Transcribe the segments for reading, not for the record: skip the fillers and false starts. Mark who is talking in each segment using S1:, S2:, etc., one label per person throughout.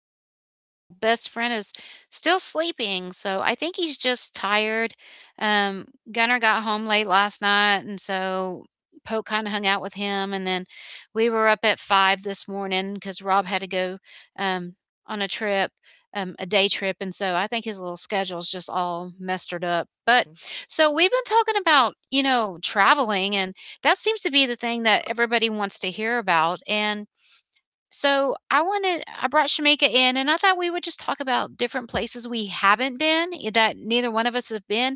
S1: our four-year-old little best friend is still sleeping, so I think he's just tired. Um, Gunnar got home late last night, and so Poke kind of hung out with him, and then we were up at five this morning because Rob had to go um, on a trip, a day trip, and so I think his little schedule's just all mestered up. But
S2: Mhm.
S1: so we've been talking about traveling, and that seems to be the thing that everybody wants to hear about, and so I brought Shamika in, and I thought we would just talk about different places we haven't been, eh, that neither one of us have been,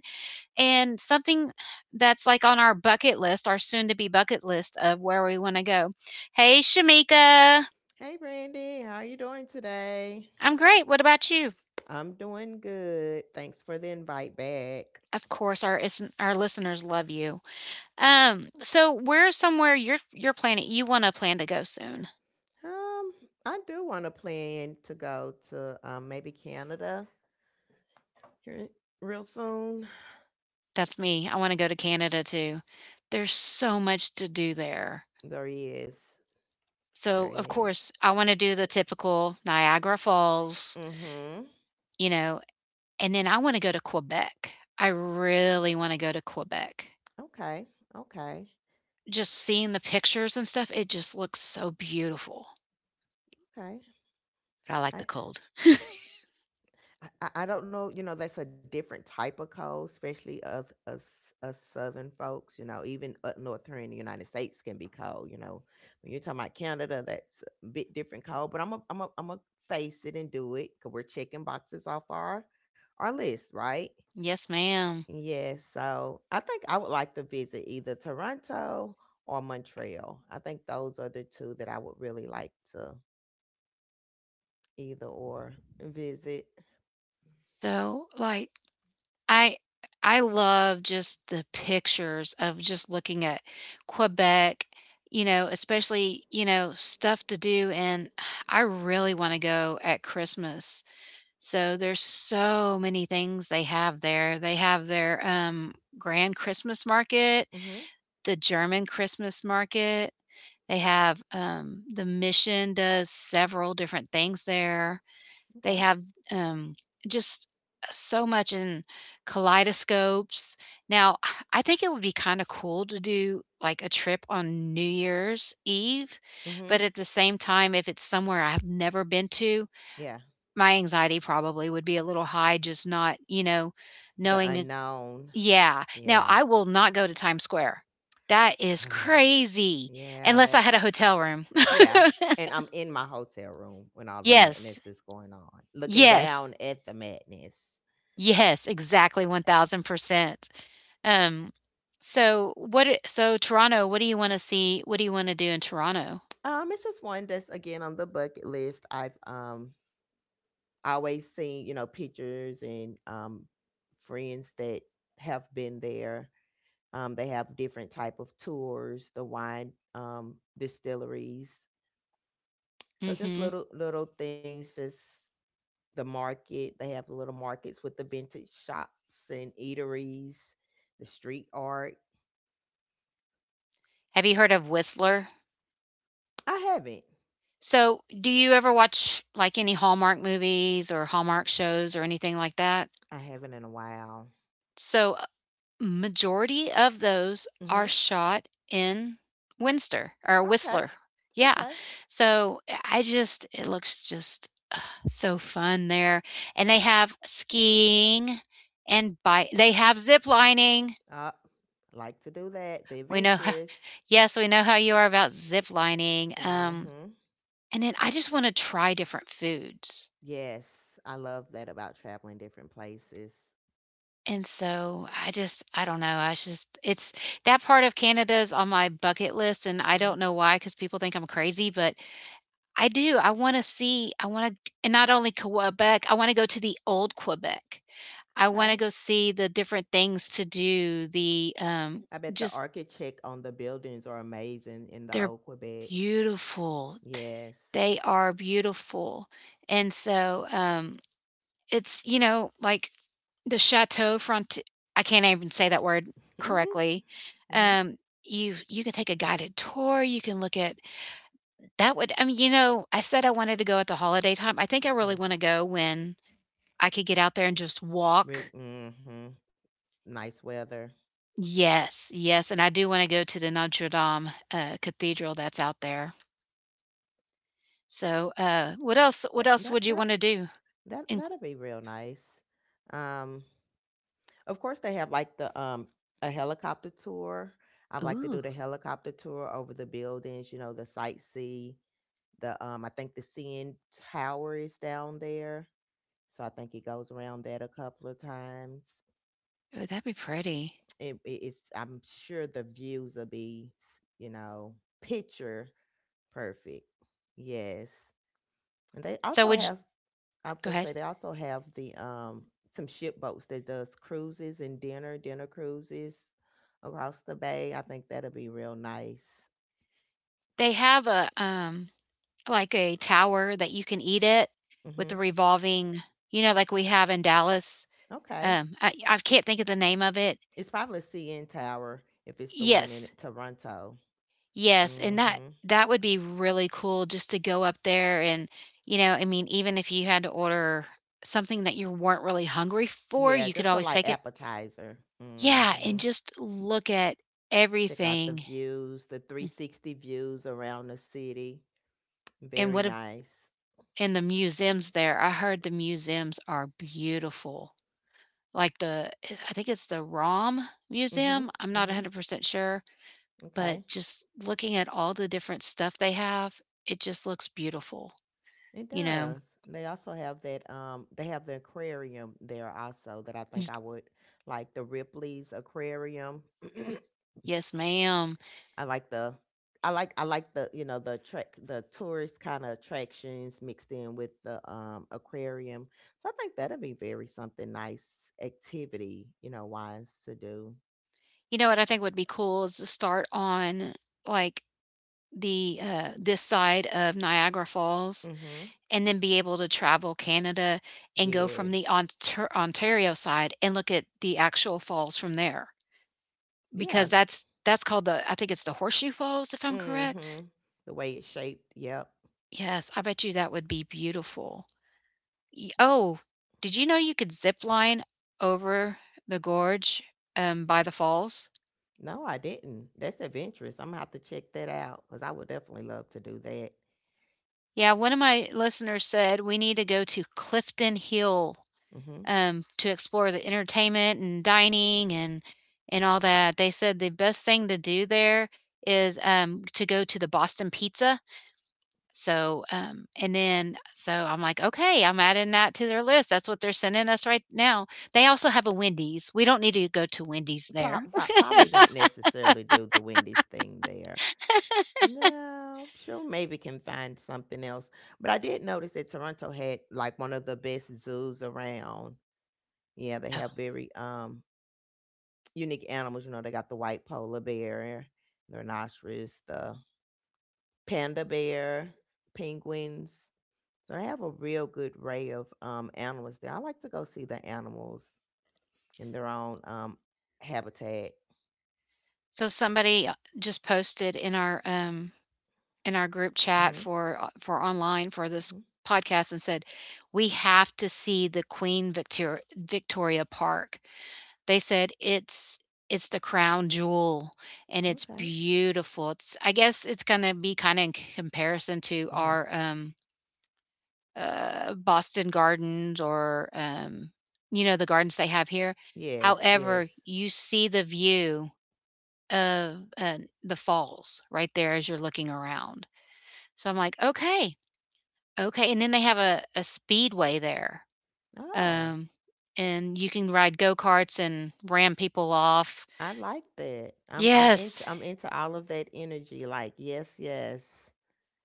S1: and something that's, like, on our bucket list, our soon-to-be bucket list of where we wanna go. Hey, Shamika.
S2: Hey, Brandy, how are you doing today?
S1: I'm great, what about you?
S2: I'm doing good. Thanks for the invite back.
S1: Of course, our listeners love you. So where's somewhere you're planning you wanna plan to go soon?
S2: Um, I do want to plan to go to maybe Canada here real soon.
S1: That's me. I want to go to Canada too. There's so much to do there.
S2: There he is.
S1: So,
S2: There
S1: of
S2: he
S1: course,
S2: is.
S1: I want to do the typical Niagara Falls,
S2: Mm-hmm.
S1: you know, and then I want to go to Quebec. I really want to go to Quebec.
S2: Okay. Okay.
S1: Just seeing the pictures and stuff, it just looks so beautiful.
S2: Okay.
S1: But I like the
S2: I
S1: cold.
S2: I don't know, that's a different type of cold, especially us southern folks, even up north here in the United States can be cold. When you're talking about Canada, that's a bit different cold, but I'm a face it and do it cuz we're checking boxes off our list, right?
S1: Yes, ma'am.
S2: Yes. So I think I would like to visit either Toronto or Montreal. I think those are the two that I would really like to either or visit.
S1: So, like, I I love just the pictures of just looking at Quebec, you know, especially, you know, stuff to do, and I really want to go at Christmas. So there's so many things they have there. They have their Grand Christmas Market,
S2: Mm-hmm.
S1: the German Christmas Market. They have the Mission does several different things there they
S2: Okay.
S1: have, um, just so much in kaleidoscopes. Now, I think it would be kinda cool to do, like, a trip on New Year's Eve, but
S2: Mm-hmm.
S1: at the same time, if it's somewhere I have never been to,
S2: Yeah.
S1: my anxiety probably would be a little high, just not,
S2: The
S1: knowing it's
S2: unknown.
S1: Yeah. Now,
S2: Yeah.
S1: I will not go to Times Square. That is crazy,
S2: Yeah,
S1: unless I had a
S2: that's
S1: hotel room.
S2: yeah. And I'm in my hotel room when all the
S1: Yes.
S2: madness is going on, looking
S1: Yes.
S2: down at the madness.
S1: Yes, exactly 1000%. Um, so so Toronto, what do you wanna see? What do you wanna do in Toronto?
S2: It's just one that's again on the bucket list. I always seen, you know, pictures and friends that have been there. They have different type of tours, the wine distilleries. So just
S1: Mhm.
S2: little things, just the market. They have the little markets with the vintage shops and eateries, the street art.
S1: Have you heard of Whistler?
S2: I haven't.
S1: So, do you ever watch like any Hallmark movies or Hallmark shows or anything like that?
S2: I haven't in a while.
S1: So, majority of those
S2: Mm-hmm.
S1: are shot in Winster or
S2: Okay.
S1: Whistler. Yeah.
S2: Okay.
S1: So, I just it looks just so fun there. And they have skiing and bi they have zip lining.
S2: Uh, like to do that. The
S1: We know.
S2: adventurous.
S1: Yes, we know how you are about zip lining,
S2: Mm-hmm.
S1: and then I just wanna try different foods.
S2: Yes, I love that about traveling different places.
S1: And so I just I don't know, I just it's that part of Canada is on my bucket list, and I
S2: Hmm.
S1: don't know why because people think I'm crazy, but I do. I wanna, and not only Quebec, I wanna go to the old Quebec. I wanna
S2: Okay.
S1: go see the different things to do,
S2: I bet the
S1: just
S2: architect on the buildings are amazing in the
S1: they're
S2: old Quebec.
S1: beautiful.
S2: Yes.
S1: They are beautiful, and so, it's, you know, like, the Chateau Front, I can't even say that word correctly.
S2: Hmm.
S1: Um, you can take a guided tour, you can look at that. Would I mean, you know, I said I wanted to go at the holiday time. I think I
S2: Yeah.
S1: really wanna go when I could get out there and just
S2: Real.
S1: walk.
S2: Nice weather.
S1: Yes, yes, and I do wanna go to the Notre Dame, cathedral that's out there. So, what
S2: That
S1: else
S2: that
S1: would you
S2: that
S1: wanna do?
S2: that
S1: In
S2: that'll be real nice. Um, of course they have like the a helicopter tour. I'd like to do
S1: ooh,
S2: the helicopter tour over the buildings. You know, the sightsee. The I think the CN Tower is down there. So I think it goes around that a couple of times.
S1: oh, that'd be pretty.
S2: It- it's I'm sure the views will be, you know, picture perfect. Yes, and they
S1: So
S2: also
S1: would you
S2: have. I'm
S1: go
S2: finna
S1: ahead.
S2: say they also have the some ship boats that does cruises and dinner cruises across the bay. I think that'll be real nice.
S1: They have a, like a tower that you can eat at with the
S2: Mhm.
S1: revolving, you know, like we have in Dallas?
S2: Okay.
S1: I can't think of the name of it.
S2: It's probably CN Tower if it's the one in
S1: Yes.
S2: Toronto.
S1: Yes, and that
S2: Mhm.
S1: that would be really cool just to go up there and, you know, I mean, even if you had to order something that you weren't really hungry for,
S2: Yeah,
S1: you could
S2: just a
S1: always
S2: light
S1: take it.
S2: appetizer.
S1: Yeah, and just look at
S2: Check out the
S1: everything.
S2: views, the 360 views around the city.
S1: And
S2: Very
S1: what a,
S2: nice.
S1: and the museums there. I heard the museums are beautiful. Like the I think it's the ROM
S2: Mhm.
S1: Museum. I'm not
S2: Mhm.
S1: 100% sure,
S2: Okay.
S1: but just looking at all the different stuff they have, it just looks beautiful,
S2: It
S1: you know.
S2: does. They also have that they have the aquarium there also that I think I would like the Ripley's aquarium.
S1: Yes, ma'am.
S2: I like the I like the you know the track the tourist kind of attractions mixed in with the aquarium. So I think that'll be very something nice activity, wise to do.
S1: You know what I think would be cool is to start on, like, this side of Niagara Falls
S2: Mhm.
S1: and then be able to travel Canada and go from the
S2: Yes.
S1: Ontario side and look at the actual falls from there,
S2: Yeah.
S1: because that's called the I think it's the Horseshoe Falls, if I'm correct?
S2: Mm-hmm. The way it's shaped. Yep.
S1: Yes, I bet you that would be beautiful. Y oh, did you know you could zip line over the gorge, by the falls?
S2: No, I didn't. That's adventurous. I'm gonna have to check that out because I would definitely love to do that.
S1: Yeah, one of my listeners said we need to go to Clifton Hill
S2: Mm-hmm.
S1: to explore the entertainment and dining and all that. They said the best thing to do there is, to go to the Boston Pizza. So and then so I'm like, okay, I'm adding that to their list. That's what they're sending us right now. They also have a Wendy's. We don't need to go to Wendy's there.
S2: Probably not necessarily do the Wendy's thing there. No, sure, maybe can find something else. But I did notice that Toronto had like one of the best zoos around. Yeah, they have very unique animals. You know, they got the white polar bear, the rhinoceros, the panda bear, penguins. So they have a real good array of animals there. I like to go see the animals in their own habitat.
S1: So somebody just posted in our group chat
S2: Hmm.
S1: for online for this
S2: Hmm.
S1: podcast and said, "We have to see the Queen Victoria Park." They said it's the crown jewel and it's
S2: Okay.
S1: beautiful. It's I guess it's going to be kind of in comparison to
S2: Hmm.
S1: our Boston Gardens or you know the gardens they have here.
S2: Yes. Yes.
S1: However, you see the view of the falls right there as you're looking around. So I'm like, okay, and then they have a speedway there,
S2: Oh,
S1: um, and you can ride go-karts and ram people off.
S2: I like that. I'm I'm into
S1: Yes,
S2: I'm into all of that energy. Like yes, yes.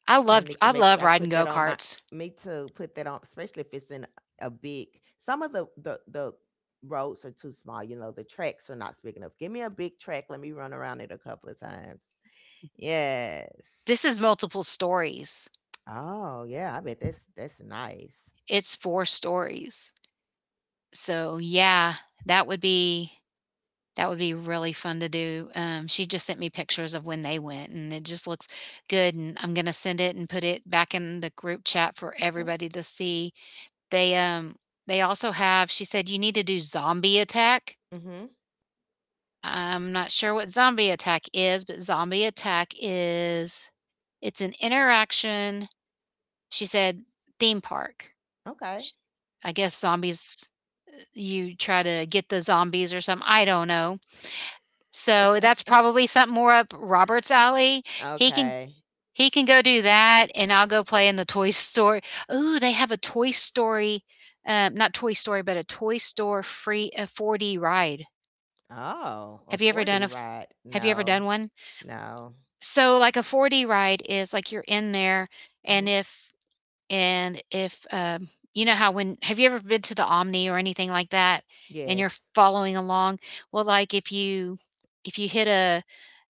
S2: I need to
S1: I
S2: make
S1: love
S2: sure I
S1: riding
S2: put that on my.
S1: go-karts.
S2: Me too. Put that on, especially if it's in a big. Some of the roads are too small. You know the tracks are not big enough. Give me a big track. Let me run around it a couple of times. Yes.
S1: This is multiple stories.
S2: Oh, yeah, I bet that's nice.
S1: It's 4 stories. So, yeah, that would be that would be really fun to do. She just sent me pictures of when they went, and it just looks good, and I'm gonna send it and put it back in the group chat for
S2: Okay.
S1: everybody to see. They, um they also have she said, "You need to do Zombie Attack."
S2: Mhm.
S1: I'm not sure what Zombie Attack is, but Zombie Attack is it's an interaction she said, "Theme park."
S2: Okay.
S1: Sh I guess zombies you try to get the zombies or something, I don't know. So, that's probably something more up Robert's alley. He can
S2: Okay.
S1: He can go do that, and I'll go play in the toy store. Ooh, they have a Toy Story, not Toy Story, but a Toy Store free a 4D ride.
S2: Oh, a
S1: Have you ever done
S2: 40
S1: a f-
S2: ride.
S1: Have you ever done
S2: No.
S1: one?
S2: No.
S1: So, like a 4D ride is like you're in there, and
S2: Mhm.
S1: if and if, you know how when have you ever been to the Omni or anything like that, and you're
S2: Yes.
S1: following along? Well, like if you hit a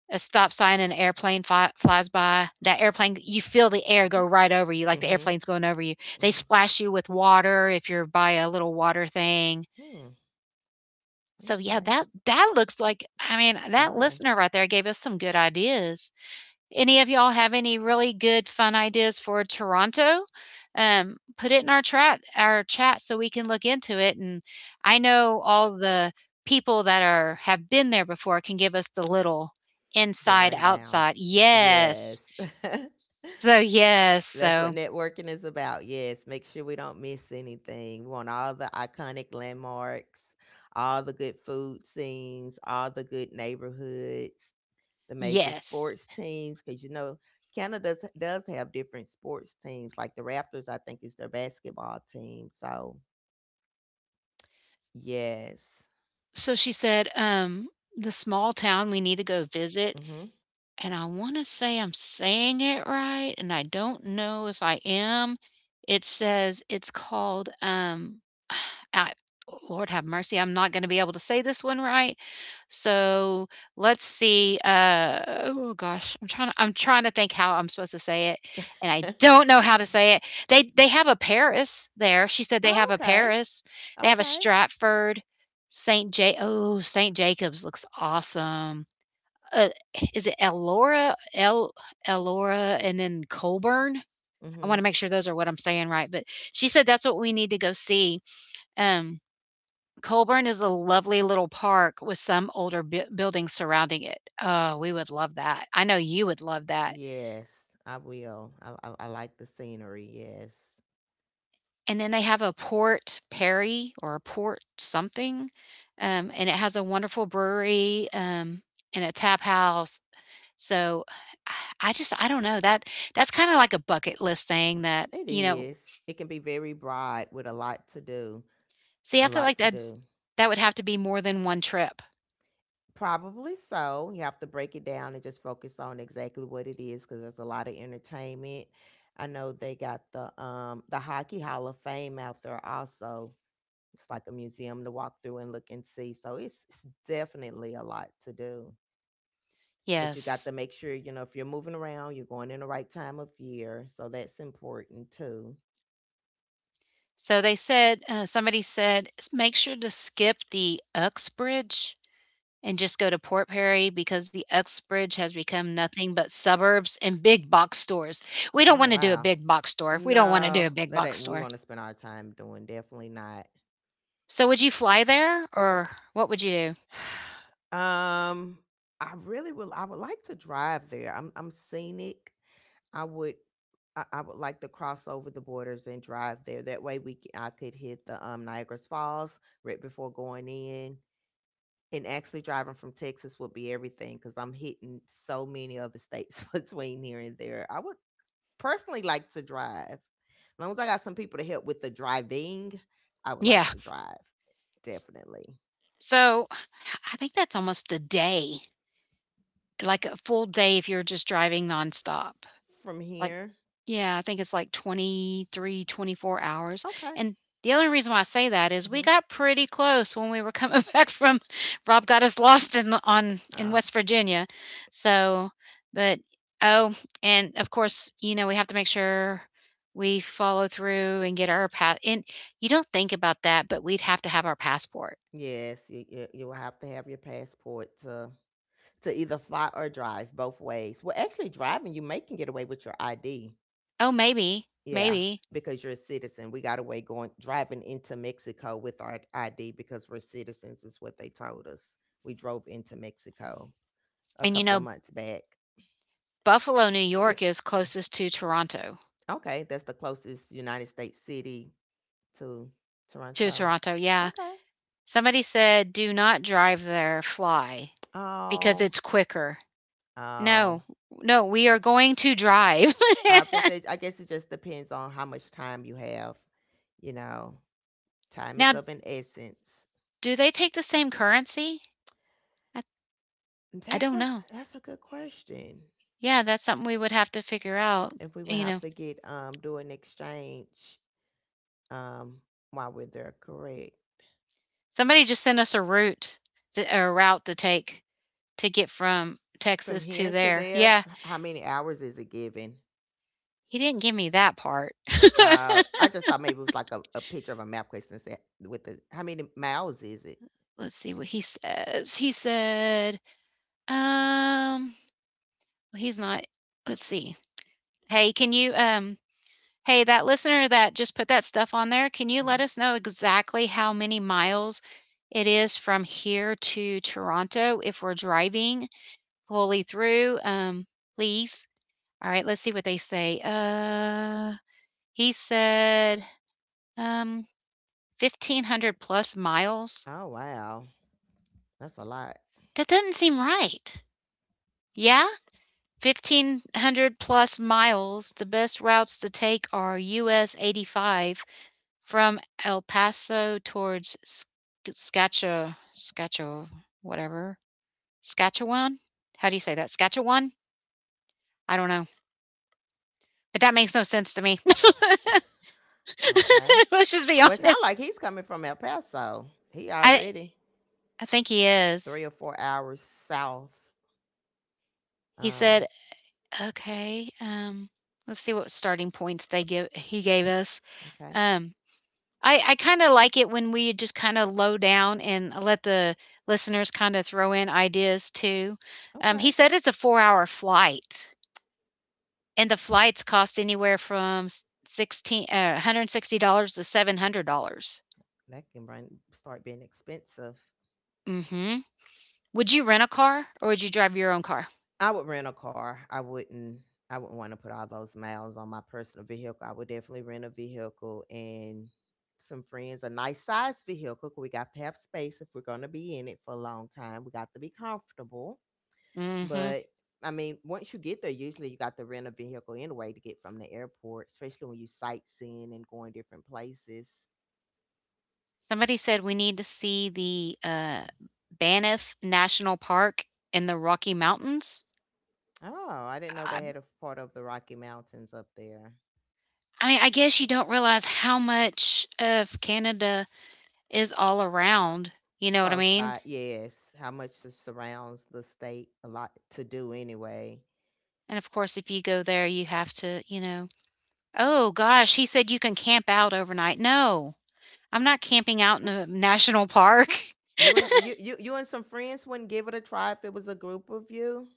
S1: stop sign and an airplane flies by, that airplane, you feel the air go right over you, like the
S2: Mhm.
S1: airplane's going over you. They
S2: Mhm.
S1: splash you with water if you're by a little water thing.
S2: Hmm.
S1: So yeah,
S2: Okay.
S1: that that looks like I mean,
S2: It's
S1: that
S2: fun.
S1: listener right there gave us some good ideas. Any of y'all have any really good fun ideas for Toronto? Put it in our chat, so we can look into it. And I know all the people that are have been there before can give us the little
S2: The
S1: inside
S2: rundowns.
S1: outside. Yes.
S2: Yes.
S1: So yes.
S2: That's what
S1: So
S2: networking is about. Yes, make sure we don't miss anything. We want all the iconic landmarks, all the good food scenes, all the good neighborhoods, the major
S1: yes.
S2: sports teams, because you know Canada does have different sports teams. Like the Raptors, I think is their basketball team. So yes.
S1: So she said, the small town we need to go visit,
S2: Mm-hmm.
S1: and I wanna say I'm saying it right, and I don't know if I am. It says it's called I, Lord have mercy, I'm not going to be able to say this one right. So let's see. Oh gosh, I'm trying to think how I'm supposed to say it, and I don't know how to say it. They have a Paris there. She said they have
S2: Oh,
S1: a
S2: okay.
S1: Paris. They have a
S2: Okay.
S1: Stratford, Saint J. Oh, Saint Jacobs looks awesome. Uh, is it Elora? El Elora and then Colburn? I
S2: Mm-hmm.
S1: wanna make sure those are what I'm saying right, but she said that's what we need to go see. Um, Colburn is a lovely little park with some older buildings surrounding it. Oh, we would love that. I know you would love that.
S2: Yes, I will. I like the scenery. Yes.
S1: And then they have a Port Perry or a Port something, and it has a wonderful brewery, and a tap house. So, I just I don't know, that's kinda like a bucket list thing that,
S2: It
S1: you know
S2: is. It can be very broad with a lot to do,
S1: See,
S2: a
S1: I feel
S2: lot
S1: like
S2: to
S1: that
S2: do.
S1: that would have to be more than 1 trip.
S2: Probably so. You have to break it down and just focus on exactly what it is because there's a lot of entertainment. I know they got the Hockey Hall of Fame out there also. It's like a museum to walk through and look and see. So it's definitely a lot to do. But you got
S1: Yes.
S2: to make sure, if you're moving around, you're going in the right time of year. So that's important too.
S1: So they said, somebody said, "S make sure to skip the Uxbridge and just go to Port Perry because the Uxbridge has become nothing but suburbs and big box stores." We don't
S2: Oh,
S1: wanna do a
S2: wow.
S1: big box store. We don't wanna do
S2: No,
S1: a big
S2: that
S1: box
S2: ain't what we
S1: store.
S2: wanna spend our time doing, definitely not.
S1: So would you fly there or what would you do?
S2: Um, I really would like to drive there. I'm scenic. I would I would like to cross over the borders and drive there. That way we c I could hit the Niagara's Falls right before going in, and actually driving from Texas would be everything because 'cause I'm hitting so many other states between here and there. I would personally like to drive. As long as I got some people to help with the driving, I would
S1: Yeah.
S2: like to drive definitely.
S1: So, I think that's almost a day. Like a full day if you're just driving nonstop.
S2: From
S1: Like
S2: here,
S1: yeah, I think it's like 23, 24 hours,
S2: okay.
S1: and the only reason why I say that is we
S2: Hmm.
S1: got pretty close when we were coming back from Rob got us lost in
S2: Oh,
S1: West Virginia. So, but oh, and of course, you know, we have to make sure we follow through and get our pass and you don't think about that, but we'd have to have our passport.
S2: yes, you will have to have your passport to either fly or drive both ways. Well, actually, driving you may can get away with your ID.
S1: Oh, maybe,
S2: Yeah,
S1: maybe.
S2: because you're a citizen. We got away going driving into Mexico with our ID because we're citizens. Is what they told us. We drove into Mexico a
S1: And you
S2: couple of
S1: know,
S2: months back.
S1: Buffalo, New York is closest to Toronto.
S2: Okay, that's the closest United States city to
S1: To
S2: Toronto.
S1: Toronto, yeah.
S2: Okay.
S1: Somebody said do not drive there, fly because
S2: Oh,
S1: it's quicker.
S2: oh.
S1: No, no, we are going to drive.
S2: I often say, I guess it just depends on how much time you have. You know, time
S1: now,
S2: is of an essence.
S1: do they take the same currency? I, I
S2: That's
S1: don't
S2: a
S1: know.
S2: that's a good question.
S1: Yeah, that's something we would have to figure out.
S2: If we would
S1: You
S2: have
S1: know,
S2: to get do an exchange um while we're there, correct?
S1: somebody just sent us a route, a route to take to get from
S2: From
S1: Texas to
S2: here to
S1: there.
S2: there,
S1: Yeah,
S2: how many hours is it given?
S1: he didn't give me that part.
S2: I just thought maybe it was like a picture of a map question set with the how many miles is it?
S1: Let's see what he says. He said, Um, well, he's not let's see. Hey, can you, hey, that listener that just put that stuff on there, can you
S2: Hmm.
S1: let us know exactly how many miles it is from here to Toronto if we're driving fully through? Please. All right, let's see what they say. He said, um, 1,500 plus miles.
S2: Oh, wow, that's a lot.
S1: That doesn't seem right. Yeah? 1,500 plus miles, the best routes to take are US 85 from El Paso towards Saskatchewan, Saskatchewan, whatever, Saskatchewan. How do you say that? Saskatchewan? I don't know, but that makes no sense to me.
S2: Okay.
S1: Let's just be
S2: Well, it sounds like
S1: honest.
S2: he's coming from El Paso. He
S1: I
S2: already
S1: I think he is.
S2: 3 or 4 hours south.
S1: He said,
S2: Um.
S1: "Okay, let's see what starting points they give he gave us."
S2: Okay.
S1: Um, I kinda like it when we just kinda low down and let the listeners kinda throw in ideas too. He
S2: Okay.
S1: said it's a four-hour flight, and the flights cost anywhere from s sixteen $160 to $700.
S2: That can bring, start being expensive.
S1: Mhm. Would you rent a car or would you drive your own car?
S2: I would rent a car. I wouldn't want to put all those miles on my personal vehicle. I would definitely rent a vehicle and some friends, a nice size vehicle, 'cause we got to have space if we're going to be in it for a long time. We got to be comfortable.
S1: Mhm.
S2: But I mean, once you get there, usually you got to rent a vehicle anyway to get from the airport, especially when you sightseeing and going different places.
S1: Somebody said we need to see the, Banff National Park in the Rocky Mountains.
S2: Oh, I didn't know
S1: I
S2: they had a part of the Rocky Mountains up there.
S1: I mean, I guess you don't realize how much of Canada is all around, you know what I
S2: Close
S1: mean?
S2: by, yes. How much it surrounds the state? A lot to do anyway.
S1: And of course, if you go there, you have to, you know, "Oh gosh, he said you can camp out overnight." No, I'm not camping out in a national park.
S2: You and some friends wouldn't give it a try if it was a group of you.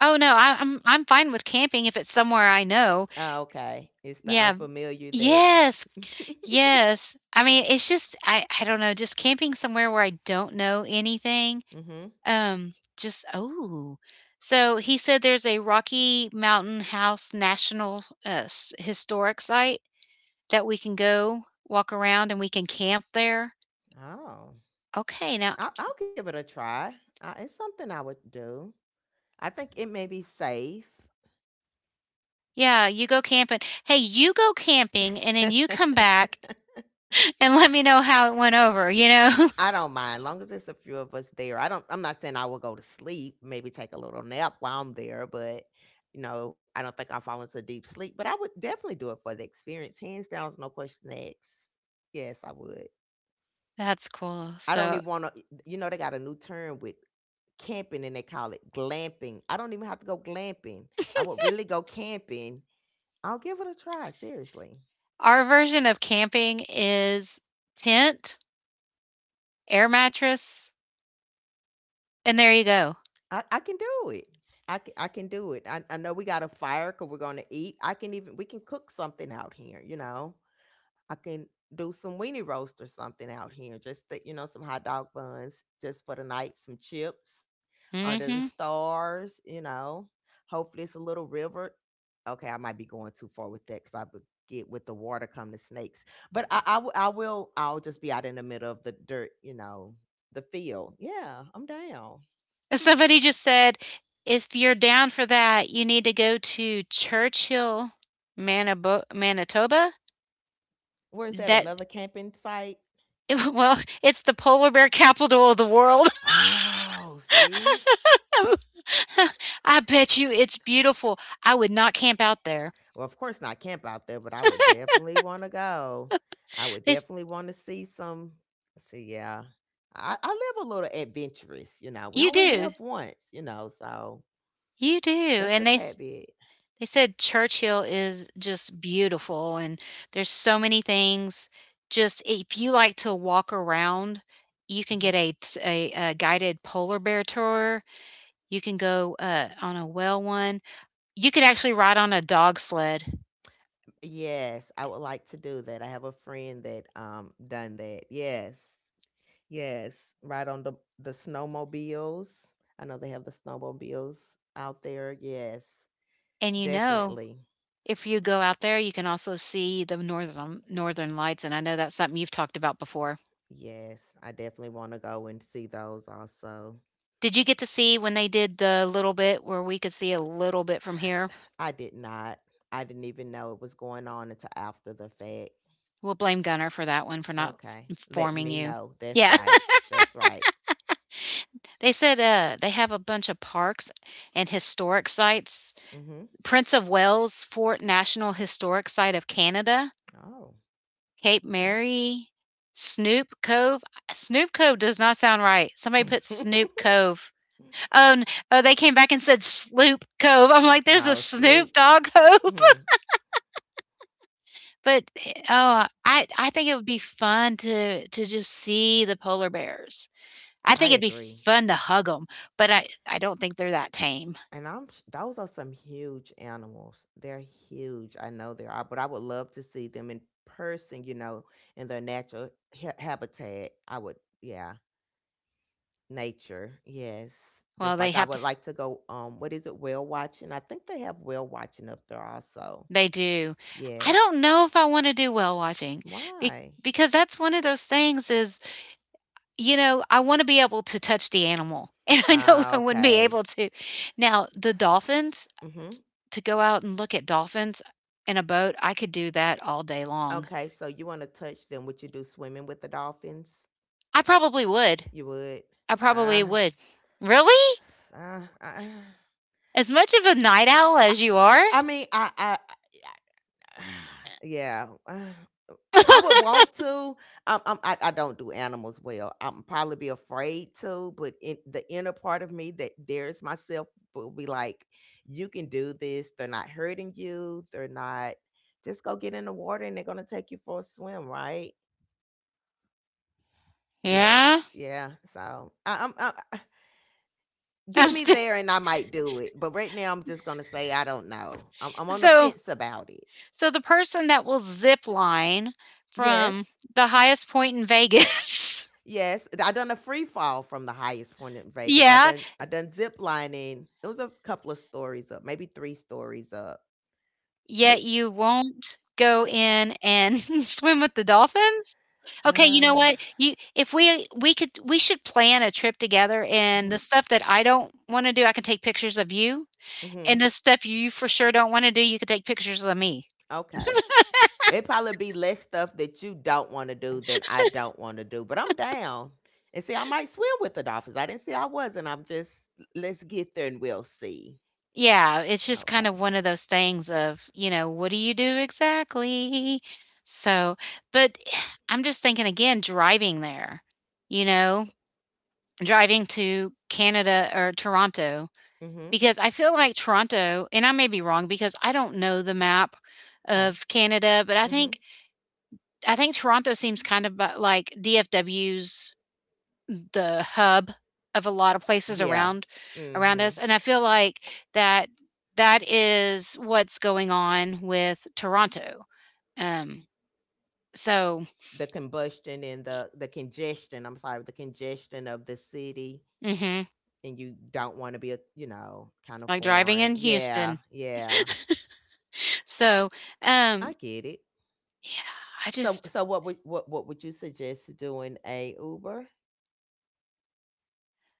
S1: Oh, no, I'm fine with camping if it's somewhere I know.
S2: Oh, okay. It's the
S1: Yeah.
S2: unfamiliar that.
S1: Yes, yes. I mean, it's just I don't know, just camping somewhere where I don't know anything,
S2: Mhm.
S1: just oh. So, he said there's a Rocky Mountain House National, s historic site that we can go walk around and we can camp there?
S2: Oh,
S1: Okay, now
S2: I'll give it a try. It's something I would do. I think it may be safe.
S1: yeah, you go camping. Hey, you go camping and then you come back and let me know how it went over, you know?
S2: I don't mind, long as it's a few of us there. I'm not saying I will go to sleep, maybe take a little nap while I'm there, but, I don't think I'll fall into deep sleep, but I would definitely do it for the experience, hands down is no question asked. Yes, I would.
S1: That's cool.
S2: I don't
S1: So,
S2: even wanna. You know, they got a new term with camping, and they call it glamping. I don't even have to go glamping. I would really go camping. I'll give it a try, seriously.
S1: our version of camping is tent, air mattress, and there you go.
S2: I can do it. I can do it. I know we got a fire because we're gonna eat. I can even We can cook something out here. You know, I can do some weenie roast or something out here. Just that, some hot dog buns just for the night. Some chips under the
S1: Mhm.
S2: stars. You know, hopefully it's a little river. Okay, I might be going too far with that because I would get with the water come the snakes. But I, w- I will I'll just be out in the middle of the dirt. You know, the field. Yeah, I'm down.
S1: Somebody just said, "If you're down for that, you need to go to Churchill, Manabo Manitoba."
S2: Where's that?
S1: That
S2: Another camping site?
S1: well, it's the polar bear capital of the world.
S2: Oh, see?
S1: I bet you it's beautiful. I would not camp out there.
S2: Well, of course not camp out there, but I would definitely want to go. I would
S1: They s
S2: definitely want to see some. See, yeah, I live a little adventurous. You know, we
S1: you
S2: only
S1: do,
S2: live once. You know, so
S1: you do,
S2: just a
S1: and
S2: tad bit.
S1: they said Churchill is just beautiful, and there's so many things. Just if you like to walk around, you can
S2: Hmm.
S1: get a t a guided polar bear tour. You can go, on a whale one. You could actually ride on a dog sled,
S2: Yes, I would like to do that. I have a friend that done that. Yes, yes, ride on the snowmobiles. I know they have the snowmobiles out there. Yes,
S1: and you know,
S2: definitely.
S1: if you go out there, you can also see the northern lights, and I know that's something you've talked about before.
S2: Yes, I definitely want to go and see those also.
S1: Did you get to see when they did the little bit where we could see a little bit from here?
S2: I did not. I didn't even know it was going on until after the fact.
S1: We'll blame Gunner for that one for not
S2: Okay, letting
S1: informing
S2: me
S1: you.
S2: know. That's
S1: Yeah,
S2: right. That's right.
S1: they said they have a bunch of parks and historic sites.
S2: Mhm.
S1: Prince of Wales Fort National Historic Site of Canada,
S2: Oh,
S1: Cape
S2: okay.
S1: Mary, Snoop Cove. Snoop Cove does not sound right. Somebody put Snoop Cove. Oh, n- oh, they came back and said Sloop Cove. I'm like, there's a
S2: Oh, sloop.
S1: Snoop Dogg Cove.
S2: Hmm.
S1: Oh, I think it would be fun to just see the polar bears. I
S2: I
S1: think it'd be
S2: agree.
S1: fun to hug them, but I don't think they're that tame.
S2: And I'm sh
S1: S-
S2: Those are some huge animals. They're huge. I know they are, but I would love to see them in person, you know, in their natural ha habitat. I would, yeah, nature. Yes.
S1: Well,
S2: Just
S1: they
S2: like I
S1: have to.
S2: would like to go, what is it, whale watching? I think they have whale watching up there also.
S1: They do. I
S2: Yes.
S1: don't know if I want to do whale watching be,
S2: Why?
S1: because that's one of those things. Is You know, I want to be able to touch the animal, and I know
S2: Ah,
S1: I wouldn't be
S2: okay.
S1: able to. Now the dolphins.
S2: Mm-hmm.
S1: To go out and look at dolphins in a boat, I could do that all day long.
S2: Okay, so you want to touch them. Would you do swimming with the dolphins?
S1: I probably would.
S2: You would?
S1: I probably
S2: Ah,
S1: would. Really?
S2: ah,
S1: As much of a night owl
S2: ah.
S1: as you are?
S2: I mean, I yeah. I would want to. I don't do animals well. I'm probably be afraid to, but in the inner part of me that dares myself will be like, you can do this. They're not hurting you. They're not. Just go get in the water and they're gonna take you for a swim, right? Yes.
S1: Yeah.
S2: Yeah. So I, I'm I-
S1: I'm
S2: get me
S1: still
S2: there and I might do it. But right now I'm just gonna say I don't know. I'm on the
S1: so
S2: fence about it.
S1: so the person that will zip line from
S2: Yes.
S1: the highest point in Vegas.
S2: Yes, I done a free fall from the highest point in Vegas.
S1: Yeah,
S2: I done zip lining. It was a couple of stories up, maybe 3 stories up. But
S1: yet you won't go in and swim with the dolphins? Okay, you know what? You if we could we should plan a trip together and the
S2: mhm,
S1: stuff that I don't wanna do, I can take pictures of you, and
S2: mhm,
S1: the stuff you for sure don't wanna do, you could take pictures of me.
S2: okay. It probably be less stuff that you don't wanna do than I don't wanna do, but I'm down. And see, I might swim with the dolphins. I didn't say I wasn't. I'm just let's get there and we'll see.
S1: Yeah, it's just kind of
S2: Okay.
S1: one of those things of, you know, what do you do exactly? So, but I'm just thinking again driving there, you know, driving to Canada or Toronto
S2: Mhm,
S1: because I feel like Toronto, and I may be wrong because I don't know the map
S2: 'kay.
S1: of Canada, but
S2: Mhm.
S1: I think Toronto seems kind of like DFW's the hub of a lot of places
S2: Yeah.
S1: around around us,
S2: Mhm.
S1: and I feel like that that is what's going on with Toronto. Um, so
S2: The combustion and the congestion, I'm sorry, the congestion of the city,
S1: hmm,
S2: and you don't want to be a, you know, kind of
S1: like driving
S2: foreign,
S1: in
S2: yeah,
S1: Houston.
S2: yeah.
S1: So
S2: I
S1: um,
S2: get it.
S1: yeah, I
S2: so
S1: just
S2: so what would, what would you suggest doing, a Uber,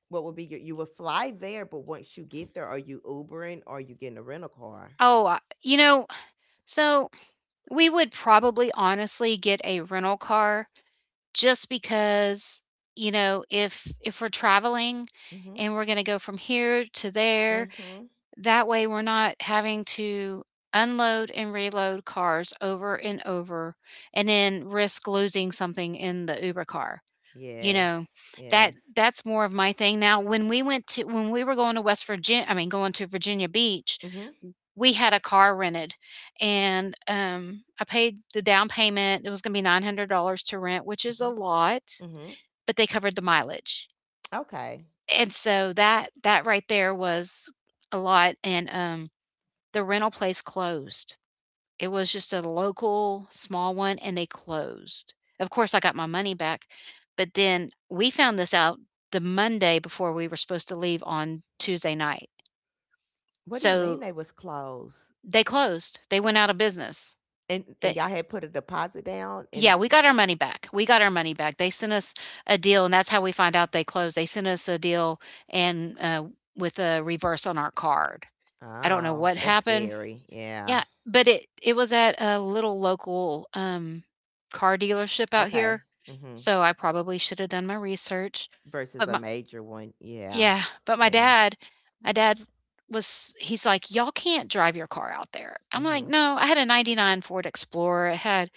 S2: what would be your, you would fly there, but once you get there, are you ubering or are you getting a rental car?
S1: oh you know, so we would probably honestly get a rental car just because you know if we're traveling
S2: Mm-hmm.
S1: and we're going to go from here to there
S2: Mm-hmm.
S1: that way we're not having to unload and reload cars over and over and then risk losing something in the uber car, you
S2: Yes.
S1: know, that
S2: Yes.
S1: that's more of my thing. Now when we went to when we were going to west virginia I mean going to Virginia Beach,
S2: Mm-hmm.
S1: we had a car rented and I paid the down payment. It was going to be $900 to rent, which is a
S2: Mm-hmm.
S1: lot,
S2: Mm-hmm.
S1: but they covered the mileage.
S2: Okay.
S1: And so that that right there was a lot and, the rental place closed. It was just a local small one and they closed. Of course, I got my money back, but then we found this out the Monday before we were supposed to leave on Tuesday night.
S2: What do you mean
S1: So,
S2: they was closed?
S1: they closed. They went out of business.
S2: And
S1: They
S2: y'all had put a deposit down and
S1: Yeah, we got our money back. We got our money back. They sent us a deal, and that's how we find out they closed. They sent us a deal and with a reverse on our card. I don't know
S2: oh,
S1: what
S2: that's
S1: happened.
S2: scary. Yeah.
S1: Yeah, but it was at a little local car dealership out here,
S2: Okay. Mhm.
S1: so I probably should have done my research.
S2: Versus
S1: But
S2: a
S1: my
S2: major one. Yeah.
S1: yeah, but my
S2: Yeah.
S1: dad, my dad's was he's like, y'all can't drive your car out there. I'm like,
S2: Mhm.
S1: no, I had a '99 Ford Explorer. It had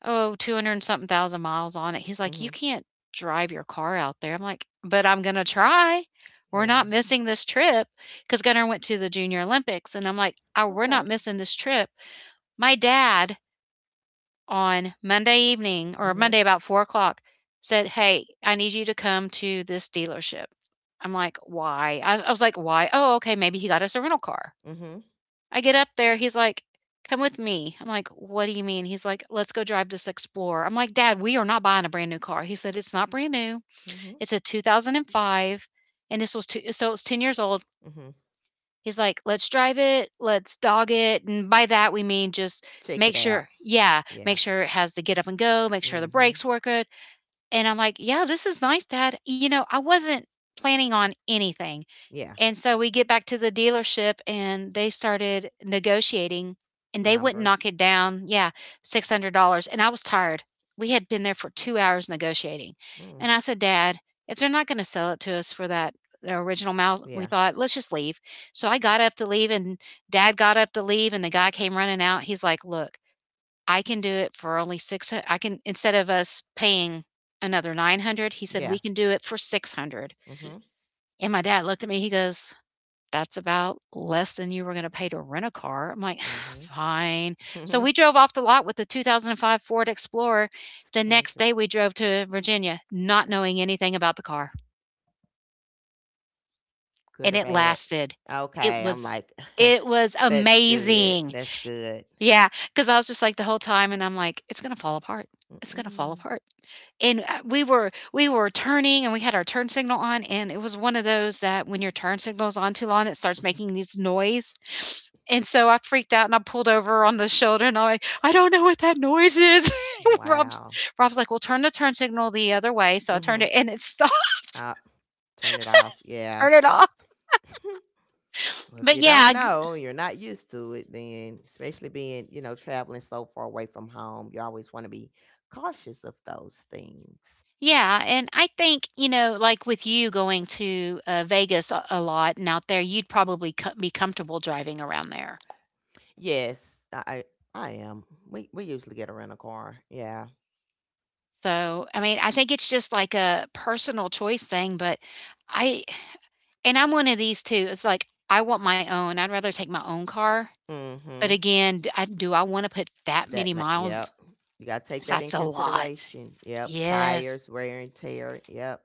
S1: Oh, 200 and something thousand miles on it. He's like, "You
S2: Mhm.
S1: can't drive your car out there." I'm like, "But I'm gonna try. We're not
S2: Yeah.
S1: missing this trip because Gunnar went to the Junior Olympics, and I'm like, "Oh, we're not
S2: Okay.
S1: missing this trip." My dad on Monday evening or
S2: Mhm.
S1: Monday about 4 o'clock said, "Hey, I need you to come to this dealership." I'm like, "Why?" I was like, "Why?" Oh, okay, maybe he got us a rental car.
S2: Mhm.
S1: I get up there, he's like, "Come with me." I'm like, "What do you mean?" He's like, "Let's go drive this Explorer." I'm like, "Dad, we are not buying a brand new car." He said, "It's not brand new.
S2: Mhm.
S1: It's a 2005." And this was two, so it was 10 years old.
S2: Mhm.
S1: He's like, "Let's drive it. Let's dog it." And by that, we mean just
S2: Check it
S1: make
S2: out.
S1: sure, yeah,
S2: Yeah.
S1: make sure it has the get up and go, make sure the
S2: Mhm.
S1: brakes work good. And I'm like, "Yeah, this is nice, Dad." You know, I wasn't planning on anything.
S2: Yeah.
S1: And so we get back to the dealership and they started negotiating and they wouldn't knock
S2: Numbers.
S1: it down. Yeah, $600. And I was tired. We had been there for 2 hours negotiating.
S2: Mm.
S1: And I said, Dad, if they're not going to sell it to us for that the original amount, we
S2: Yeah.
S1: thought, let's just leave. So I got up to leave and dad got up to leave and the guy came running out. He's like, look, I can do it for only six. I can, instead of us paying another 900, he said,
S2: Yeah.
S1: we can do it for 600.
S2: Mhm.
S1: And my dad looked at me. He goes, that's about less than you were gonna pay to rent a car. I'm like,
S2: Mhm.
S1: "Fine." So we
S2: Mhm.
S1: drove off the lot with the 2005 Ford Explorer. The next
S2: 600.
S1: day, we drove to Virginia, not
S2: That's
S1: knowing anything about the car,
S2: good
S1: and
S2: or
S1: it
S2: bad.
S1: lasted. It
S2: Okay, I'm
S1: was
S2: like,
S1: it was
S2: that's good.
S1: amazing.
S2: That's good.
S1: Yeah, because I was just like the whole time, and I'm like, "It's gonna fall apart. It's gonna fall
S2: Mm-mm.
S1: apart." And we were turning and we had our turn signal on and it was one of those that when your turn signal is on too long it starts
S2: Mhm.
S1: making this noise and so I freaked out and I pulled over on the shoulder and I'm like I don't know what that noise is. rob's
S2: Wow.
S1: Rob's like, well turn the turn signal the other way, so I turned
S2: Mm-hmm.
S1: it and it stopped.
S2: Uh, turn it off. Yeah.
S1: Turn it off.
S2: Well, if
S1: but
S2: you don't
S1: yeah g-
S2: know, you're not used to it, then especially being, you know, traveling so far away from home, you always want to be cautious of those things.
S1: yeah, and I think you know like with you going to Vegas a lot and out there you'd probably be comfortable driving around there.
S2: Yes, I am. We usually get a rental car. Yeah.
S1: So, I mean, I think it's just like a personal choice thing, but I and I'm one of these too. It's like I want my own. I'd rather take my own car. But
S2: Mm-hmm.
S1: again, d I do I want to put that many miles?
S2: Yep. You gotta take that in
S1: That's a lot.
S2: consideration. Yep.
S1: Yes.
S2: Tires, wear and tear. Yep.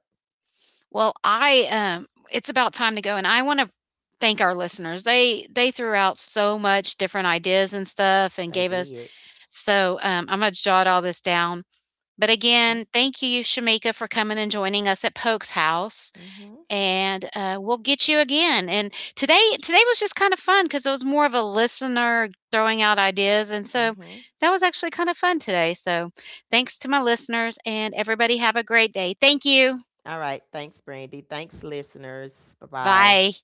S1: Well, I it's about time to go and I want to thank our listeners. They threw out so much different ideas and stuff and
S2: They
S1: gave us
S2: did.
S1: so I'm gonna jot all this down. But
S2: Okay.
S1: again, thank you, Shamika, for coming and joining us at Polk's house.
S2: Mm-hmm.
S1: And we'll get you again. And today, today was just kind of fun because it was more of a listener throwing out ideas, and so
S2: Mm-hmm.
S1: that was actually kind of fun today. So, thanks to my listeners, and everybody have a great day. Thank you.
S2: All right. Thanks, Brandy. Thanks, listeners. Bye bye.
S1: Bye.